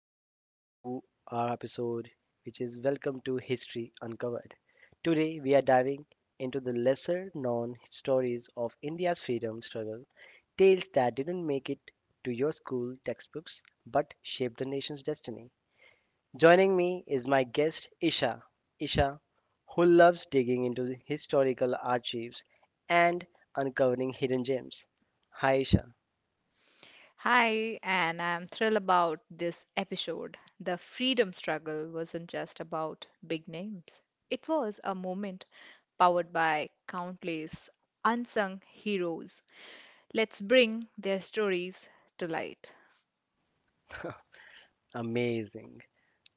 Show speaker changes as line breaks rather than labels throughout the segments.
everyone to our episode, which is Welcome to History Uncovered. Today, we are diving into the lesser known stories of India's freedom struggle, tales that didn't make it to your school textbooks but shaped the nation's destiny. Joining me is my guest, Isha. Isha, who loves digging into the historical archives and uncovering hidden gems. Hi, Isha.
Hi, and I'm thrilled about this episode. The freedom struggle wasn't just about big names, it was a moment powered by countless unsung heroes. Let's bring their stories to light.
Amazing.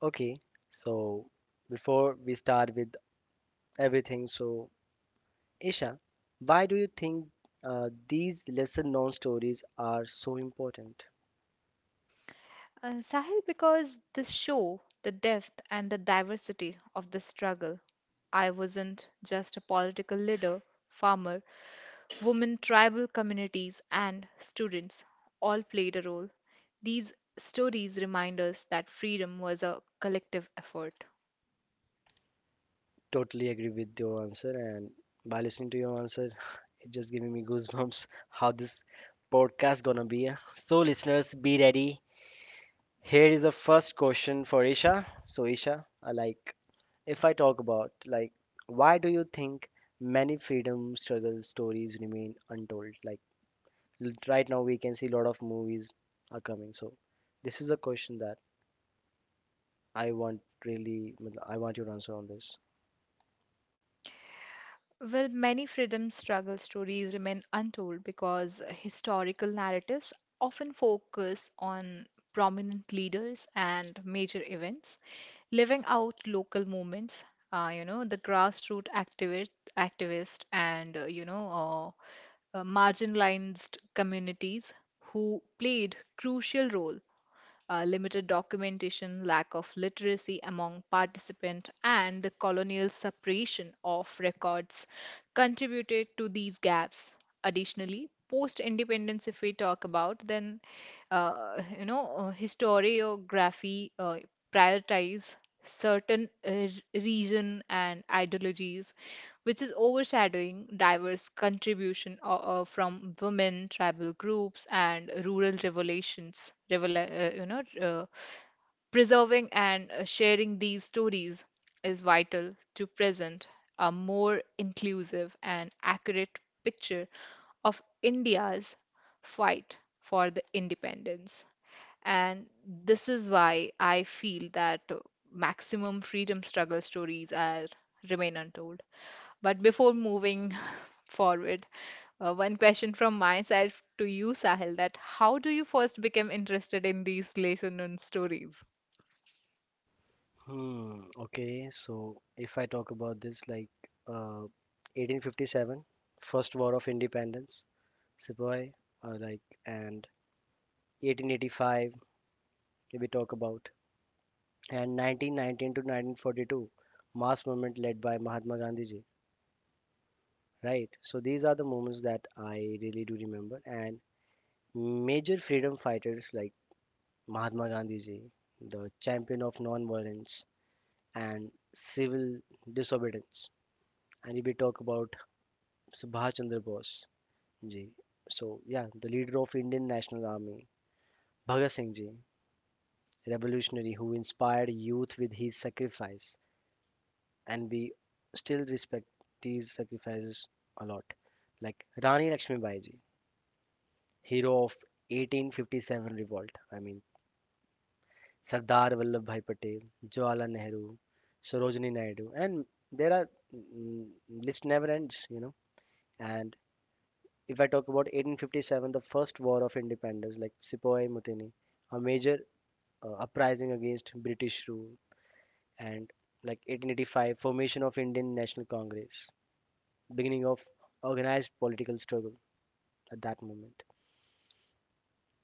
Okay, so before we start with everything, so Isha, why do you think these lesser known stories are so important?
Sahil, because this show, the depth and the diversity of the struggle, I wasn't just a political leader, farmer, women, tribal communities, and students all played a role. These stories remind us that freedom was a collective effort.
Totally agree with your answer, and by listening to your answer, it just giving me goosebumps how this podcast gonna be. So listeners, be ready. Here is a first question for Isha. So Isha, I like if I talk about like why do you think many freedom struggle stories remain untold? Like right now we can see a lot of movies are coming, so this is a question that I want really matlab, I want your answer on this.
Well, many freedom struggle stories remain untold because historical narratives often focus on prominent leaders and major events, living out local movements, you know, the grassroots activist and, you know, marginalized communities who played crucial role limited documentation, lack of literacy among participants, and the colonial suppression of records contributed to these gaps. Additionally, post independence, if we talk about, then you know historiography prioritize certain region and ideologies, which is overshadowing diverse contribution from women, tribal groups, and rural revolutions. You know, preserving and sharing these stories is vital to present a more inclusive and accurate picture of India's fight for the independence. And this is why I feel that maximum freedom struggle stories are remain untold. But before moving forward, one question from myself to you, Sahil, that how do you first become interested in these lesson and stories?
Hmm. Okay, so if I talk about this like 1857, first war of independence, sepoy, like and 1885, if we talk about, and 1919 to 1942, mass movement led by Mahatma Gandhi ji, right? So these are the moments that I really do remember, and major freedom fighters like Mahatma Gandhi ji, the champion of non-violence and civil disobedience. And if we talk about Subhash Chandra Bose ji, so yeah, the leader of Indian National Army, Bhagat Singh ji, revolutionary who inspired youth with his sacrifice, and we still respect these sacrifices a lot. Like Rani Lakshmibai ji, hero of 1857 revolt. I mean, Sardar Vallabhbhai Patel, Jawaharlal Nehru, Sarojini Naidu, and there are list never ends. And if I talk about 1857, the first war of independence, like Sepoy Mutiny, a major uprising against British rule, and like 1885, formation of Indian National Congress, beginning of organized political struggle at that moment.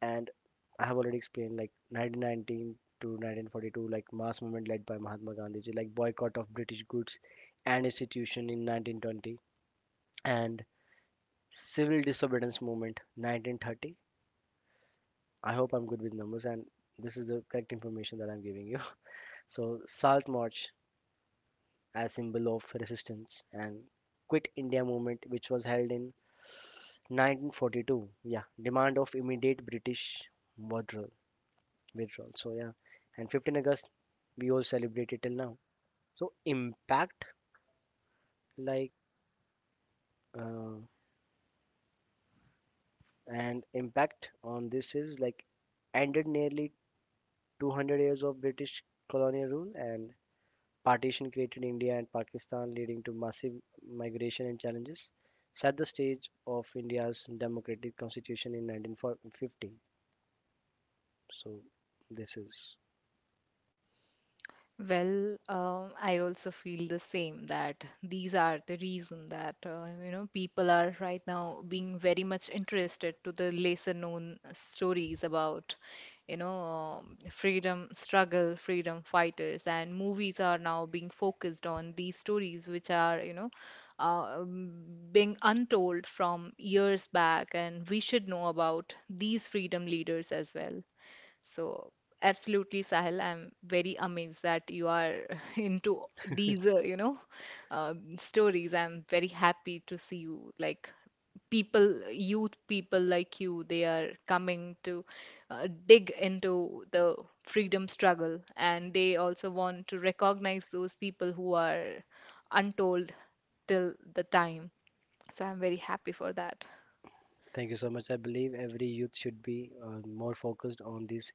And I have already explained, like 1919 to 1942, like mass movement led by Mahatma Gandhi, like boycott of British goods and institution in 1920, and civil disobedience movement 1930. I hope I'm good with numbers, and this is the correct information that I'm giving you. So Salt March as symbol of resistance and Quit India movement, which was held in 1942. Yeah, demand of immediate British withdrawal. withdrawal. So yeah, and 15 August we all celebrate it till now. So impact like uh, and impact on this is like ended nearly 200 years of British colonial rule, and partition created India and Pakistan, leading to massive migration and challenges. Set the stage of India's democratic constitution in 1950. So this is.
Well, I also feel the same that these are the reason that you know people are right now being very much interested to the lesser known stories about you know freedom struggle, freedom fighters, and movies are now being focused on these stories which are you know uh, um, being untold from years back, and we should know about these freedom leaders as well. So, absolutely, Sahil, I'm very amazed that you are into these, you know, stories. I'm very happy to see you like people, youth people like you, they are coming to dig into the freedom struggle, and they also want to recognize those people who are untold till the time. So I'm very happy for that.
Thank you so much. I believe every youth should be more focused on these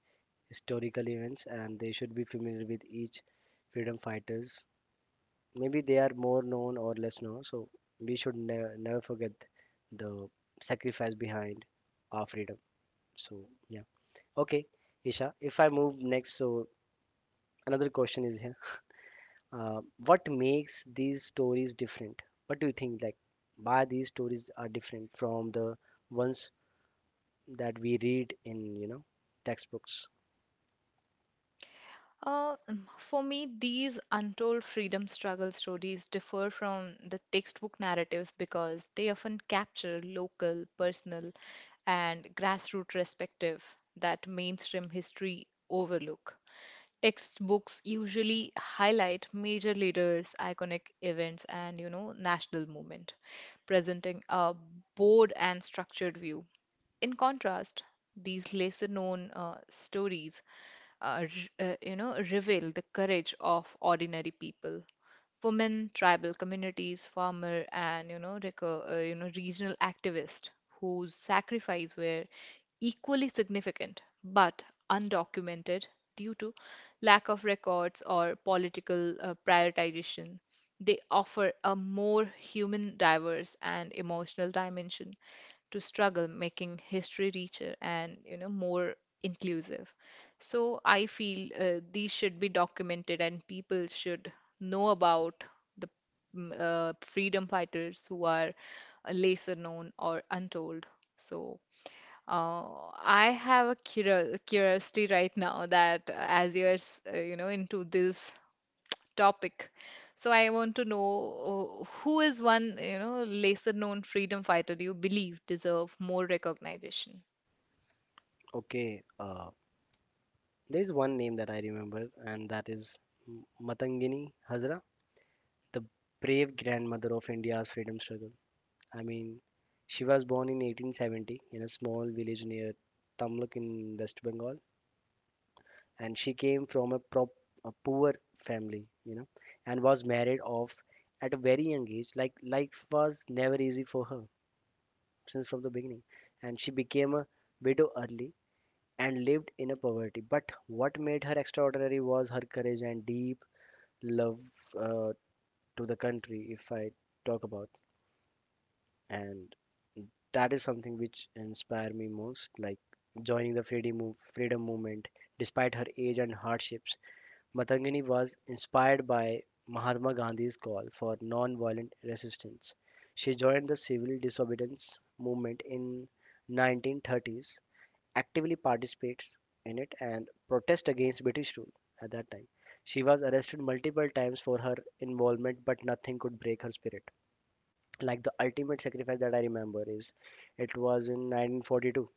historical events, and they should be familiar with each freedom fighters. Maybe they are more known or less known, so we should never forget the sacrifice behind our freedom. So, yeah. Okay, Isha, if I move next, so another question is here. What makes these stories different? What do you think, like, why these stories are different from the ones that we read in, you know, textbooks.
For me, these untold freedom struggle stories differ from the textbook narrative because they often capture local, personal, and grassroots perspective that mainstream history overlook. Textbooks usually highlight major leaders, iconic events, and you know, national movement, presenting a broad and structured view. In contrast, these lesser known stories you know, reveal the courage of ordinary people. Women, tribal communities, farmer, and you know, you know, regional activists whose sacrifice were equally significant but undocumented due to lack of records or political prioritization. They offer a more human, diverse, and emotional dimension to struggle, making history richer and you know more inclusive. So I feel these should be documented, and people should know about the freedom fighters who are lesser known or untold. So. I have a curiosity right now that as you know, into this topic. So I want to know who is one, you know, lesser known freedom fighter you believe deserve more recognition?
Okay, there is one name that I remember, and that is Matangini Hazra, the brave grandmother of India's freedom struggle. I mean, she was born in 1870 in a small village near Tamluk in West Bengal, and she came from a poor family, you know, and was married off at a very young age. Like life was never easy for her since from the beginning, and she became a widow early and lived in a poverty. But what made her extraordinary was her courage and deep love uh, to the country, if I talk about. And that is something which inspired me most, like joining the freedom movement. Despite her age and hardships, Matangini was inspired by Mahatma Gandhi's call for non-violent resistance. She joined the civil disobedience movement in 1930s, actively participates in it and protest against British rule at that time. She was arrested multiple times for her involvement, but nothing could break her spirit. Like the ultimate sacrifice that I remember is it was in 1942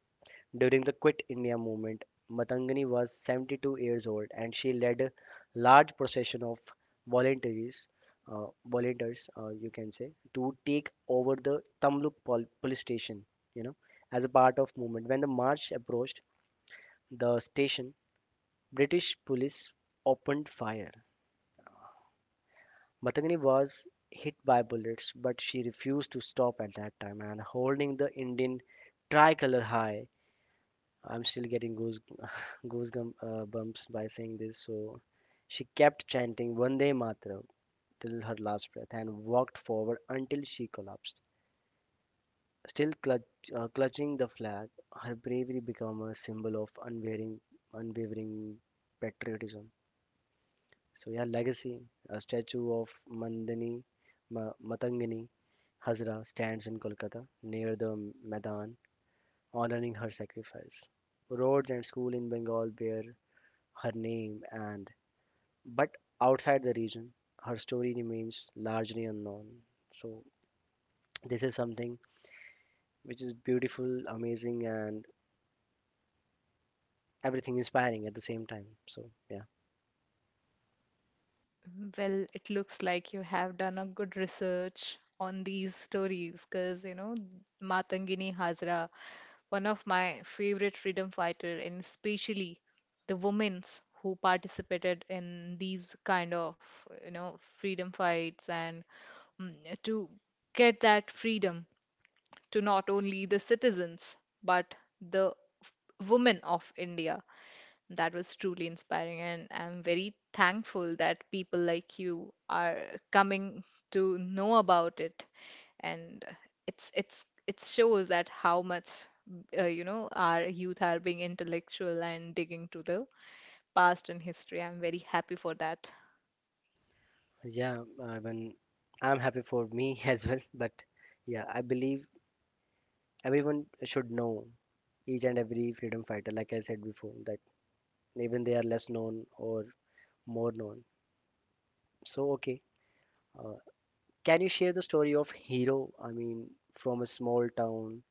during the Quit India movement. Matangani was 72 years old and she led a large procession of volunteers, volunteers, you can say, to take over the Tamluk police station. You know, as a part of movement. When the march approached the station, British police opened fire. Matangini was hit by bullets, but she refused to stop at that time and holding the Indian tricolor high. I'm still getting goose goosebumps bumps by saying this. So she kept chanting Vande Mataram till her last breath and walked forward until she collapsed. Still clutching the flag, her bravery became a symbol of unwavering patriotism. So yeah, legacy. A statue of Matangini Hazra stands in Kolkata near the Maidan, honoring her sacrifice. Roads and school in Bengal bear her name, and but outside the region, her story remains largely unknown. So this is something which is beautiful, amazing, and everything inspiring at the same time. So yeah.
Well, it looks like you have done a good research on these stories because, you know, Matangini Hazra, one of my favorite freedom fighter, and especially the women's who participated in these kind of, you know, freedom fights and mm, to get that freedom to not only the citizens but the women of India. That was truly inspiring, and I'm very thankful that people like you are coming to know about it. And it's it shows that how much you know our youth are being intellectual and digging to the past and history. I'm very happy for that.
Yeah, when I'm happy for me as well, but yeah, I believe everyone should know each and every freedom fighter, like I said before, that even they are less known or more known. So okay, uh, can you share the story of hero? I mean, from a small town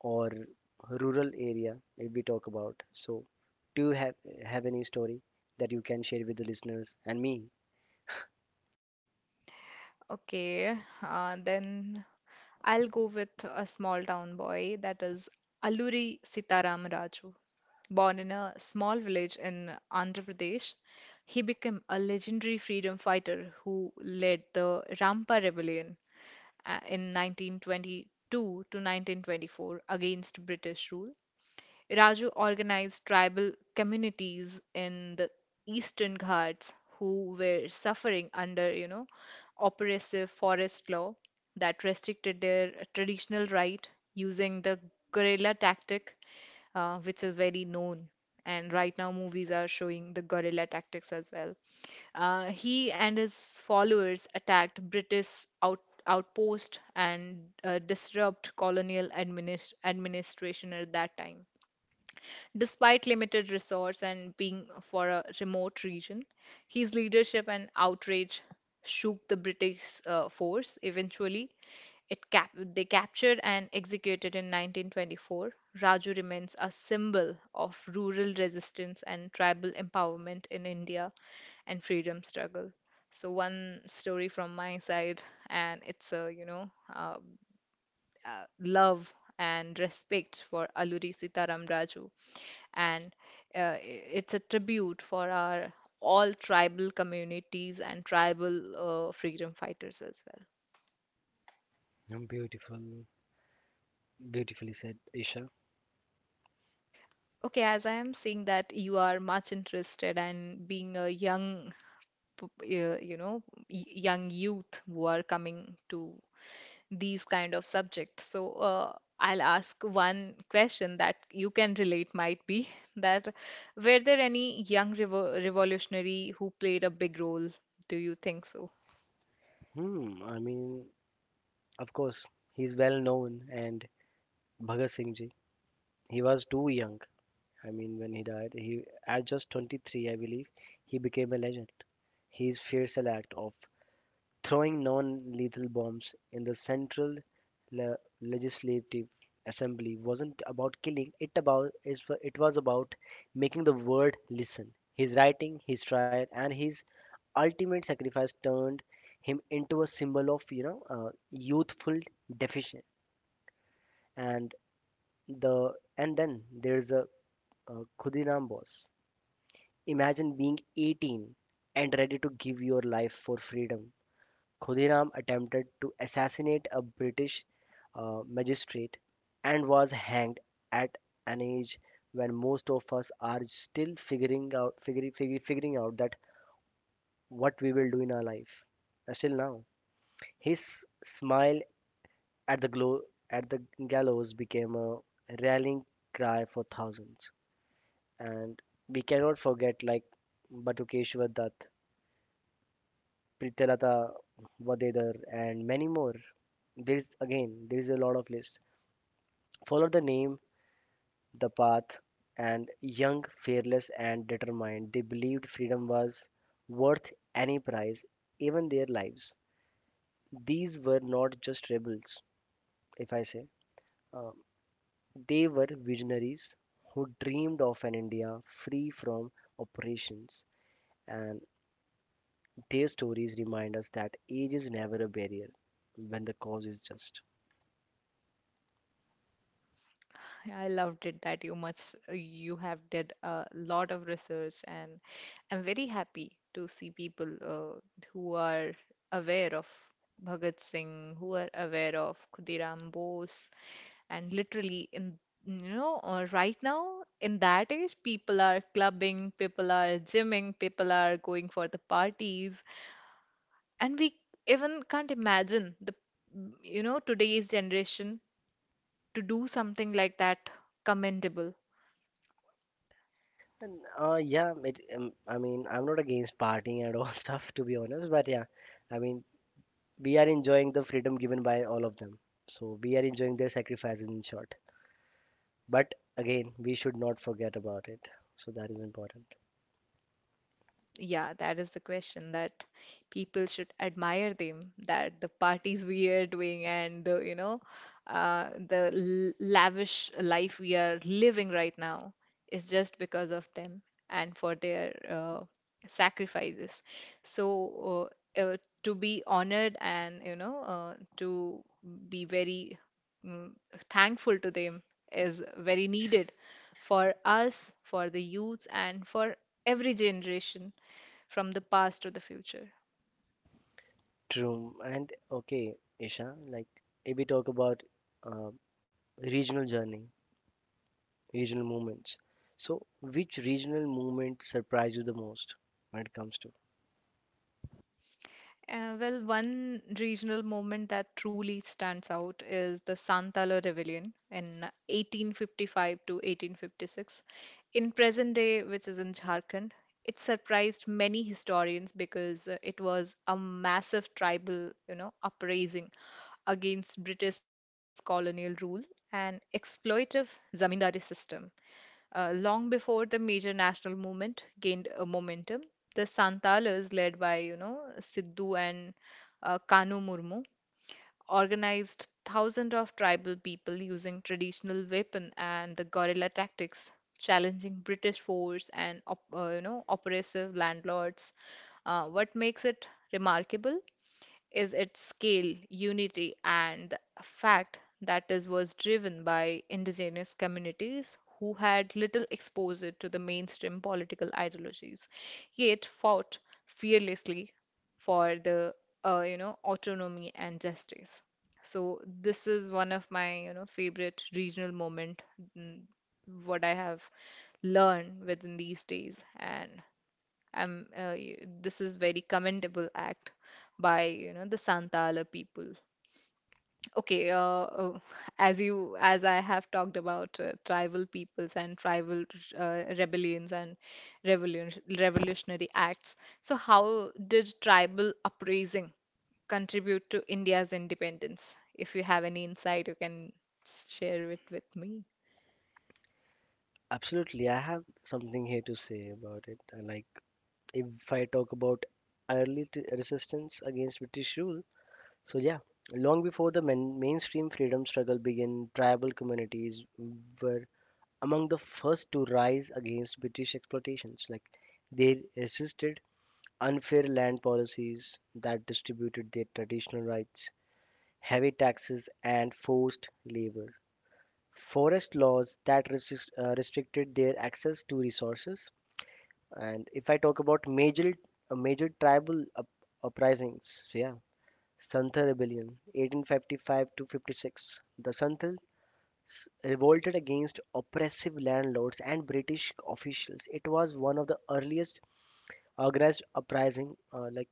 or rural area, if we talk about. So do you have any story that you can share with the listeners and me?
Okay, then I'll go with a small town boy that is Alluri Sitaram Raju. Born in a small village in Andhra Pradesh, he became a legendary freedom fighter who led the Rampa Rebellion in 1922 to 1924 against British rule. Raju organized tribal communities in the Eastern Ghats who were suffering under, you know, oppressive forest law that restricted their traditional right using the guerrilla tactic, which is very known. And right now, movies are showing the guerrilla tactics as well. He and his followers outpost and disrupt colonial administration at that time. Despite limited resource and being for a remote region, his leadership and outrage shook the British force. Eventually, they captured and executed in 1924. Raju remains a symbol of rural resistance and tribal empowerment in India and freedom struggle. So one story from my side, and it's a you know love and respect for Alluri Sitaram Raju. And it's a tribute for our all tribal communities and tribal freedom fighters as well.
Beautiful, beautifully said, Isha.
Okay, as I am seeing that you are much interested and being a young, you know, young youth who are coming to these kind of subjects. So I'll ask one question that you can relate might be that were there any young revolutionary who played a big role? Do you think so?
Hmm, I mean, of course, he's well known, and Bhagat Singh ji. He was too young. I mean, when he died, he at just 23, I believe, he became a legend. His fearsome act of throwing non-lethal bombs in the Central Legislative Assembly wasn't about killing; it was about making the world listen. His writing, his trial, and his ultimate sacrifice turned him into a symbol of, you know, youthful defiance. And then there's a Khudiram Bose. Imagine being 18 and ready to give your life for freedom. Khudiram attempted to assassinate a British magistrate and was hanged at an age when most of us are still figuring out that what we will do in our life. Still now, his smile at the at the gallows became a rallying cry for thousands, and we cannot forget like Batukeshwar Dutt, Pritalata, Vadedar, and many more. There's again, there's a lot of list. Follow the name, the path, and young, fearless, and determined, they believed freedom was worth any price, even their lives. These were not just rebels, if I say. Um, they were visionaries who dreamed of an India free from oppressions, and their stories remind us that age is never a barrier when the cause is just.
I loved it that you much you have did a lot of research and I'm very happy to see people who are aware of Bhagat Singh, who are aware of Khudiram Bose, and literally in you know right now in that age people are clubbing, people are gymming, people are going for the parties, and we even can't imagine the you know today's generation to do something like that commendable.
And, yeah, I mean, I'm not against partying and all stuff, to be honest, but yeah, I mean, we are enjoying the freedom given by all of them. So we are enjoying their sacrifices, in short. But again, we should not forget about it. So that is important.
Yeah, that is the question that people should admire them, that the parties we are doing and the, you know, the l lavish life we are living right now is just because of them and for their sacrifices. So, uh, uh, to be honored and, you know, to be very mm, thankful to them is very needed for us, for the youth, and for every generation from the past or the future?
True. And okay, Isha, like if we talk about uh, regional journey, regional movements. So which regional movement surprised you the most when it comes to?
Well, one regional movement that truly stands out is the Santala Rebellion in 1855 to 1856. In present day, which is in Jharkhand, it surprised many historians because it was a massive tribal, you know, uprising against British colonial rule and exploitive zamindari system. Long before the major national movement gained momentum, the Santalas, led by you know Sidhu and Kanu Murmu, organized thousands of tribal people using traditional weapon and the guerrilla tactics, challenging British force and you know oppressive landlords. What makes it remarkable is its scale, unity, and the fact that it was driven by indigenous communities who had little exposure to the mainstream political ideologies, yet fought fearlessly for the you know autonomy and justice. So this is one of my you know favorite regional moment, mm, what I have learned within these days, and this is very commendable act by you know the Santala people. Okay, as you as I have talked about tribal peoples and tribal rebellions and revolutionary acts. So how did tribal uprising contribute to India's independence? If you have any insight, you can share it with me.
Absolutely, I have something here to say about it. I like if I talk about early resistance against British rule, so yeah, long before the mainstream freedom struggle began, tribal communities were among the first to rise against British exploitations. Like they resisted unfair land policies that distributed their traditional rights, heavy taxes, and forced labor. Forest laws that restricted their access to resources. And if I talk about major tribal uprisings, so yeah, Santha Rebellion, 1855 to 56. The Santhals revolted against oppressive landlords and British officials. It was one of the earliest organized uprising, like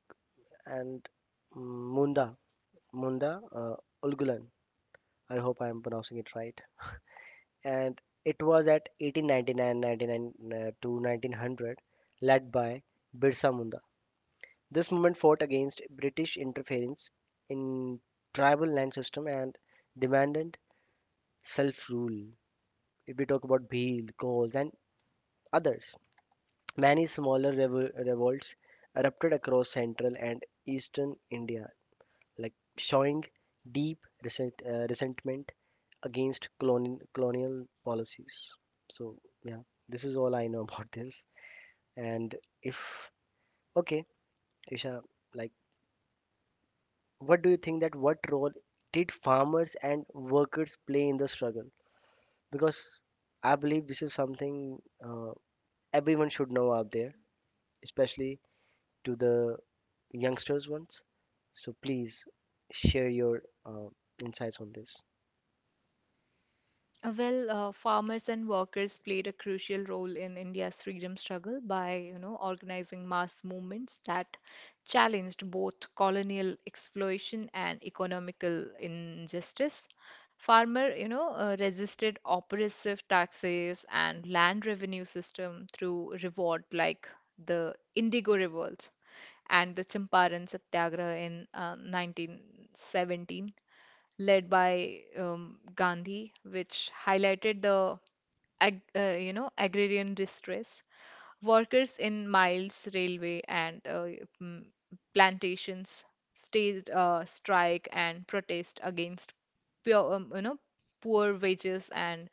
and mm, Munda Munda uh, Ulgulan. I hope I am pronouncing it right. And it was at 1899, 99 ninety-nine to 1900, led by Birsa Munda. This movement fought against British interference in tribal land system and demanded self-rule. If we talk about Bhil, Gauls, and others, many smaller revolts erupted across central and eastern India, like showing deep resentment against colonial policies. So yeah, this is all I know about this. And if okay, Isha, like what do you think that what role did farmers and workers play in the struggle? Because I believe this is something, uh, everyone should know out there, especially to the youngsters ones. So please share your insights on this.
Well, farmers and workers played a crucial role in India's freedom struggle by, you know, organizing mass movements that challenged both colonial exploitation and economical injustice. Farmer, you know, resisted oppressive taxes and land revenue system through revolt like the Indigo Revolt and the Champaran Satyagraha in 1917 led by Gandhi, which highlighted the ag you know agrarian distress. Workers in mines, railway, and mm, plantations staged a strike and protest against you know, poor wages and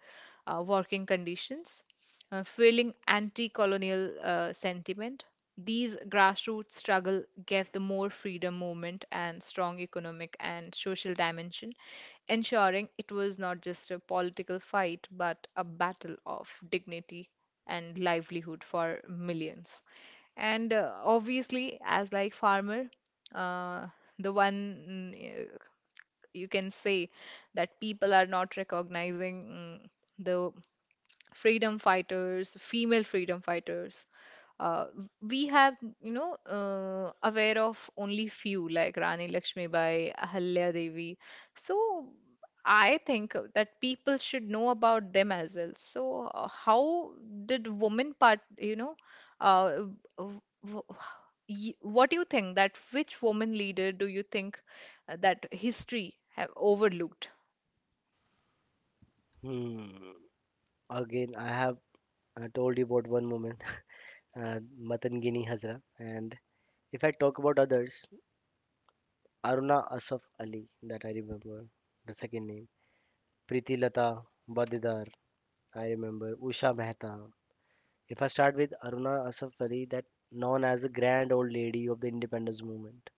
working conditions, fueling anti-colonial sentiment. These grassroots struggle gave the more freedom movement and strong economic and social dimension, ensuring it was not just a political fight but a battle of dignity and livelihood for millions. And obviously, as like farmer, uh, the one you can say that people are not recognizing mm, the freedom fighters, female freedom fighters. Uh, we have, you know, aware of only few like Rani Lakshmibai, Ahalya Devi. So I think that people should know about them as well. So, how did women part, you know, uh, w- w- what do you think that which woman leader do you think that history have overlooked?
Hmm. Again, I have told you about one woman, Matangini Hazra, and if I talk about others, Aruna Asaf Ali, that I remember, the second name, Priti Lata Badidar. I remember Usha Mehta. If I start with Aruna Asaf Ali, that known as the grand old lady of the independence movement,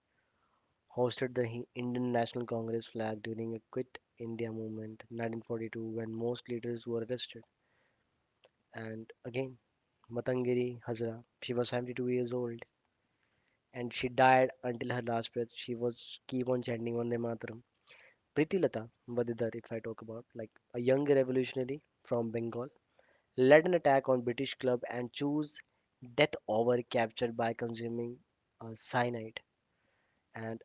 hosted the Indian National Congress flag during a Quit India movement 1942 when most leaders were arrested. And again, Matangiri Hazara, she was 72 years old and she died until her last breath. She was keep on chanting Vande Mataram. Priti Lata Vadidar, if I talk about, like a young revolutionary from Bengal led an attack on British club and chose death over capture by consuming cyanide and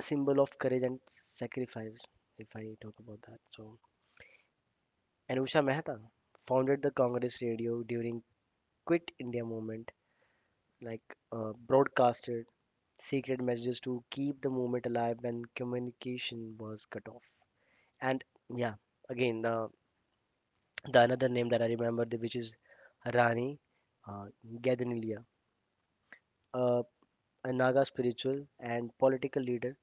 symbol of courage and sacrifice if I talk about that. So Anusha Mehta founded the Congress radio during Quit India movement like broadcasted secret messages to keep the movement alive when communication was cut off. And yeah, again the another name that I remember which is Rani uh, Gadanilia. A a Naga spiritual and political leader,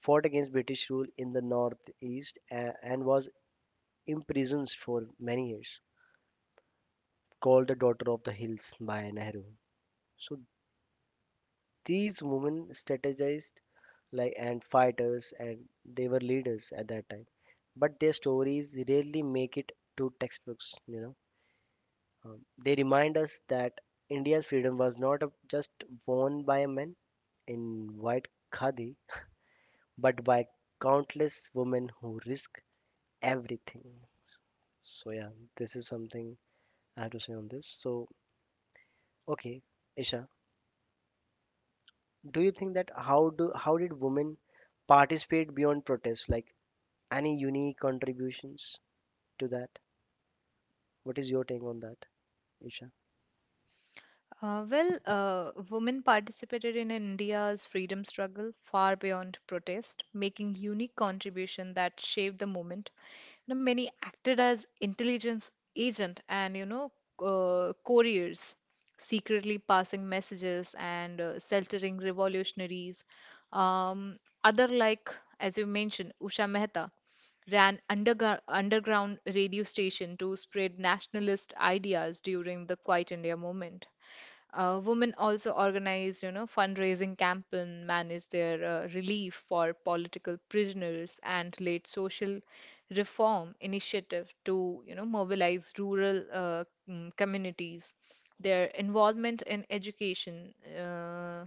fought against British rule in the northeast and was imprisoned for many years, called the Daughter of the Hills by Nehru. So these women strategized like and fighters and they were leaders at that time, but their stories rarely make it to textbooks. Um, they remind us that India's freedom was not a, just won by a man in white khadi, but by countless women who risk everything. So yeah, this is something I have to say on this. So okay, Isha, do you think that how did women participate beyond protest? Like any unique contributions to that? What is your take on that, Isha?
Well, women participated in India's freedom struggle far beyond protest, making unique contribution that shaped the movement. You know, many acted as intelligence agent and you know couriers, secretly passing messages and sheltering revolutionaries. Other like, as you mentioned, Usha Mehta ran underground radio station to spread nationalist ideas during the Quiet India movement. Women also organized, fundraising campaign, managed their relief for political prisoners, and led social reform initiative to, you know, mobilize rural communities. Their involvement in education, uh,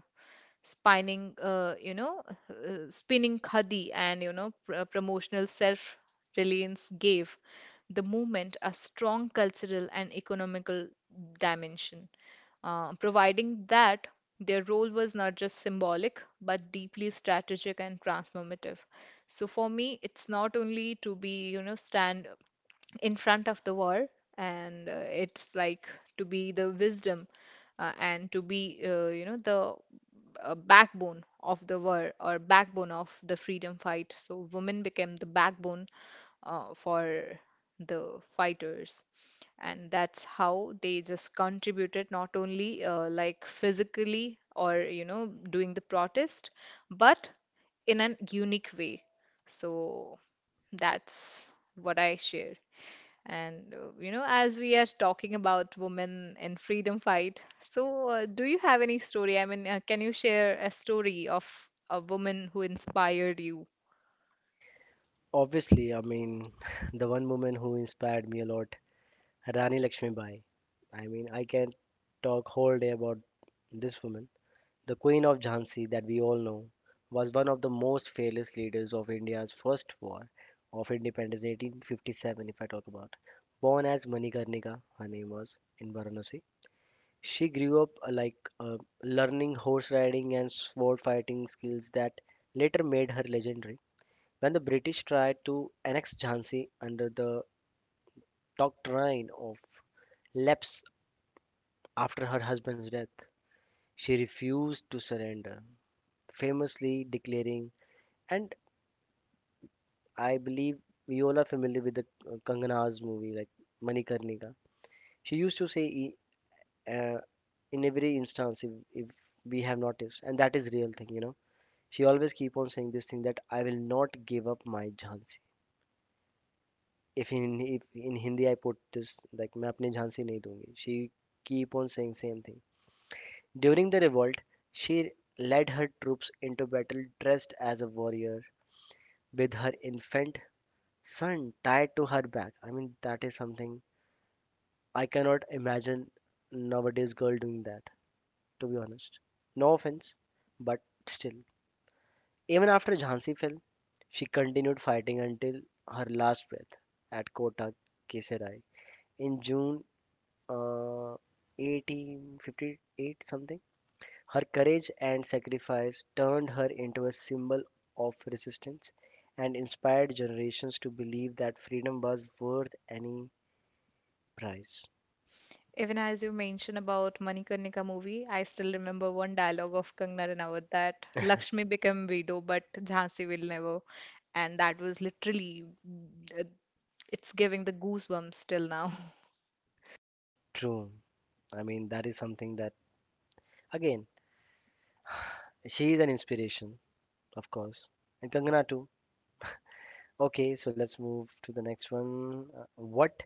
spinning, spinning khadi, and promotional self-reliance gave the movement a strong cultural and economical dimension, providing that their role was not just symbolic but deeply strategic and transformative. So for me, it's not only to be, you know, stand in front of the war, and it's like to be the wisdom, and to be you know the backbone of the war or backbone of the freedom fight. So women became the backbone for the fighters, and that's how they just contributed, not only like physically or, you know, doing the protest, but in an unique way. So that's what I share. And you know, as we are talking about women in freedom fight, so do you have any story? I mean, can you share a story of a woman who inspired you?
Obviously, I mean the one woman who inspired me a lot, Rani Lakshmibai. I mean I can talk whole day about this woman. The Queen of Jhansi, that we all know, was one of the most fearless leaders of India's first war of independence, 1857, if I talk about. Born as Manikarnika, her name was, in Varanasi. She grew up learning horse riding and sword fighting skills that later made her legendary. When the British tried to annex Jhansi under the doctrine of lapse after her husband's death, she refused to surrender, famously declaring and I believe we all are familiar with the Kangana's movie, like Manikarnika. She used to say uh, in every instance, if we have noticed, and that is real thing, you know. She always keep on saying this thing that I will not give up my Jhansi. If in Hindi I put this like मैं अपने झांसी नहीं दूंगी. She keep on saying same thing. During the revolt, she led her troops into battle dressed as a warrior with her infant son tied to her back. I mean that is something I cannot imagine nowadays girl doing that, to be honest. No offense, but still. Even after Jhansi fell, she continued fighting until her last breath at Kota Kesarai. In June uh, 1858 something, her courage and sacrifice turned her into a symbol of resistance and inspired generations to believe that freedom was worth any price.
Even as you mentioned about Manikarnika movie, I still remember one dialogue of Kangana Ranaut that Lakshmi became widow, but Jhansi will never. And that was literally, uh, it's giving the goosebumps till now.
True. I mean, that is something that, again, she is an inspiration, of course. And Kangana too. Okay, so let's move to the next one. What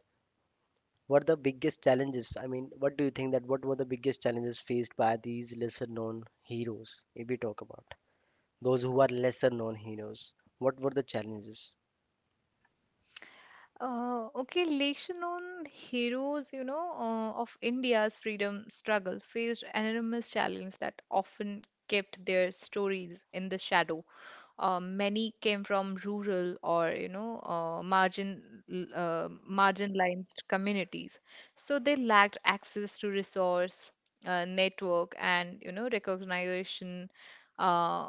were the biggest challenges? I mean, what do you think that what were the biggest challenges faced by these lesser known heroes? If we talk about those who are lesser known heroes, what were the challenges?
Okay, Leshan on heroes, you know, of India's freedom struggle faced enormous challenges that often kept their stories in the shadow. Many came from rural or, you know, marginalized communities. So they lacked access to resource, network, and, you know, recognition. Uh,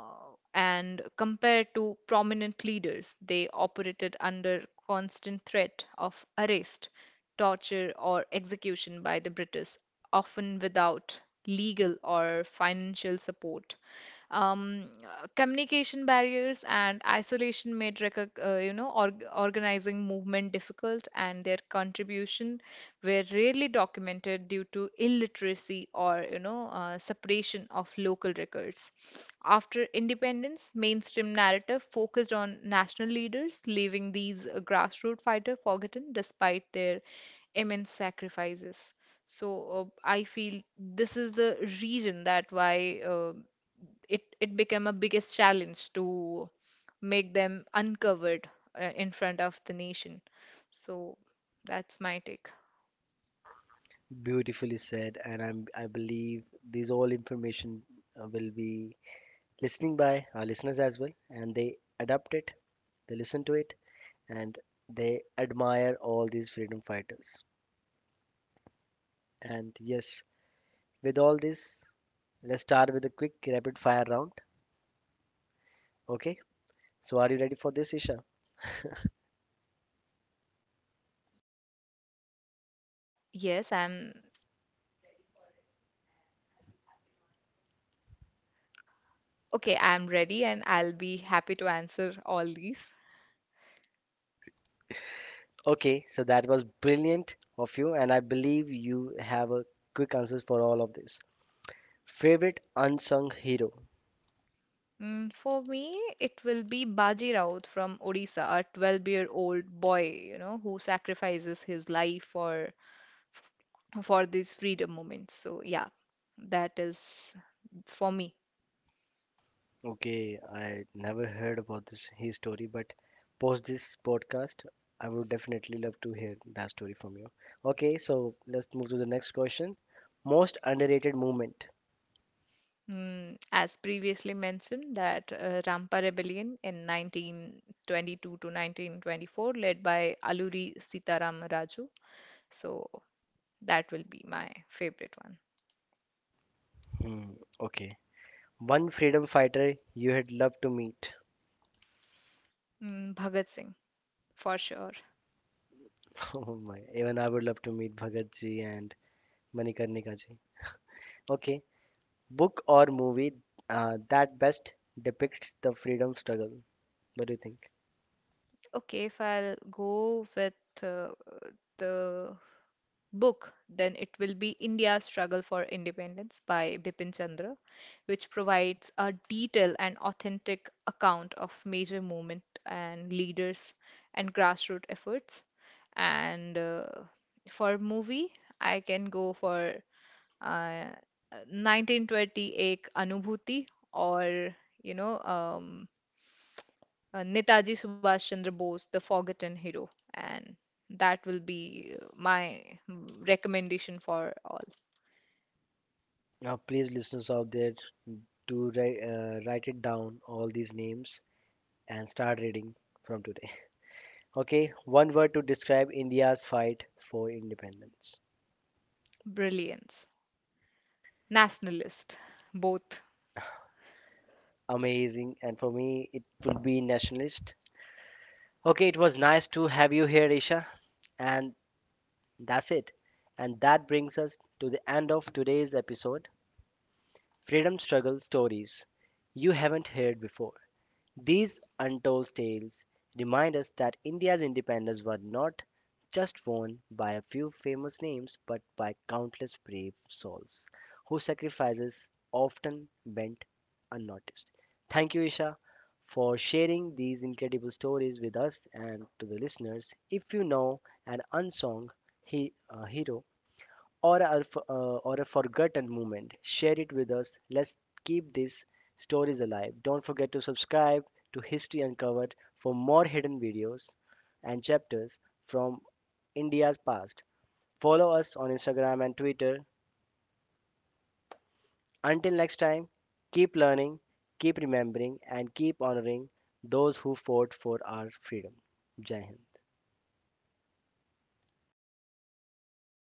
and compared to prominent leaders, they operated under constant threat of arrest, torture, or execution by the British, often without legal or financial support. Communication barriers and isolation made recog you know, organizing movement difficult, and their contribution were rarely documented due to illiteracy or, you know, separation of local records. After independence, mainstream narrative focused on national leaders, leaving these grassroots fighters forgotten despite their immense sacrifices. So I feel this is the reason that why it became a biggest challenge to make them uncovered in front of the nation. So that's my take.
Beautifully said, and I believe these all information will be listening by our listeners as well, and they adapt it, they listen to it, and they admire all these freedom fighters. And yes, with all this, let's start with a quick rapid fire round. Okay. So are you ready for this, Isha?
Yes, I'm okay. I'm ready, and I'll be happy to answer all these.
Okay. So that was brilliant of you, and I believe you have a quick answers for all of this. Favorite unsung hero.
Mm, for me, it will be Baji Raut from Odisha, a 12-year-old boy, you know, who sacrifices his life for these freedom moments. So, yeah, that is for me.
Okay, I never heard about this his story, but post this podcast, I would definitely love to hear that story from you. Okay, so let's move to the next question. Most underrated moment.
Mm, as previously mentioned, that Rampa Rebellion in 1922 to 1924, led by Alluri Sitaram Raju. So, that will be my favorite one.
Hmm, okay. One freedom fighter you had loved to meet.
Mm, Bhagat Singh, for sure.
Oh my, even I would love to meet Bhagat ji and Manikarnika ji. Okay, book or movie that best depicts the freedom struggle. What do you think?
Okay, if I'll go with uh, the book, then it will be India's Struggle for Independence by Bipin Chandra, which provides a detailed and authentic account of major movement and leaders and grassroots efforts. And for movie, I can go for uh, 1920 Anubhuti, or you know um, Netaji Subhash Chandra Bose, The Forgotten Hero. And that will be my recommendation for all.
Now, please, listeners out there, to write it down all these names and start reading from today. Okay, one word to describe India's fight for independence.
Brilliance, nationalist, both.
Amazing, and for me, it would be nationalist. Okay, it was nice to have you here, Isha, and that's it. And that brings us to the end of today's episode Freedom Struggle Stories You Haven't Heard Before. These untold tales remind us that India's independence was not just won by a few famous names but by countless brave souls whose sacrifices often went unnoticed. Thank you, Isha, for sharing these incredible stories with us and to the listeners. If you know an unsung hero, or a forgotten moment, share it with us. Let's keep these stories alive. Don't forget to subscribe to History Uncovered for more hidden videos and chapters from India's past. Follow us on Instagram and Twitter. Until next time, keep learning, keep remembering, and keep honoring those who fought for our freedom. Jai Hind.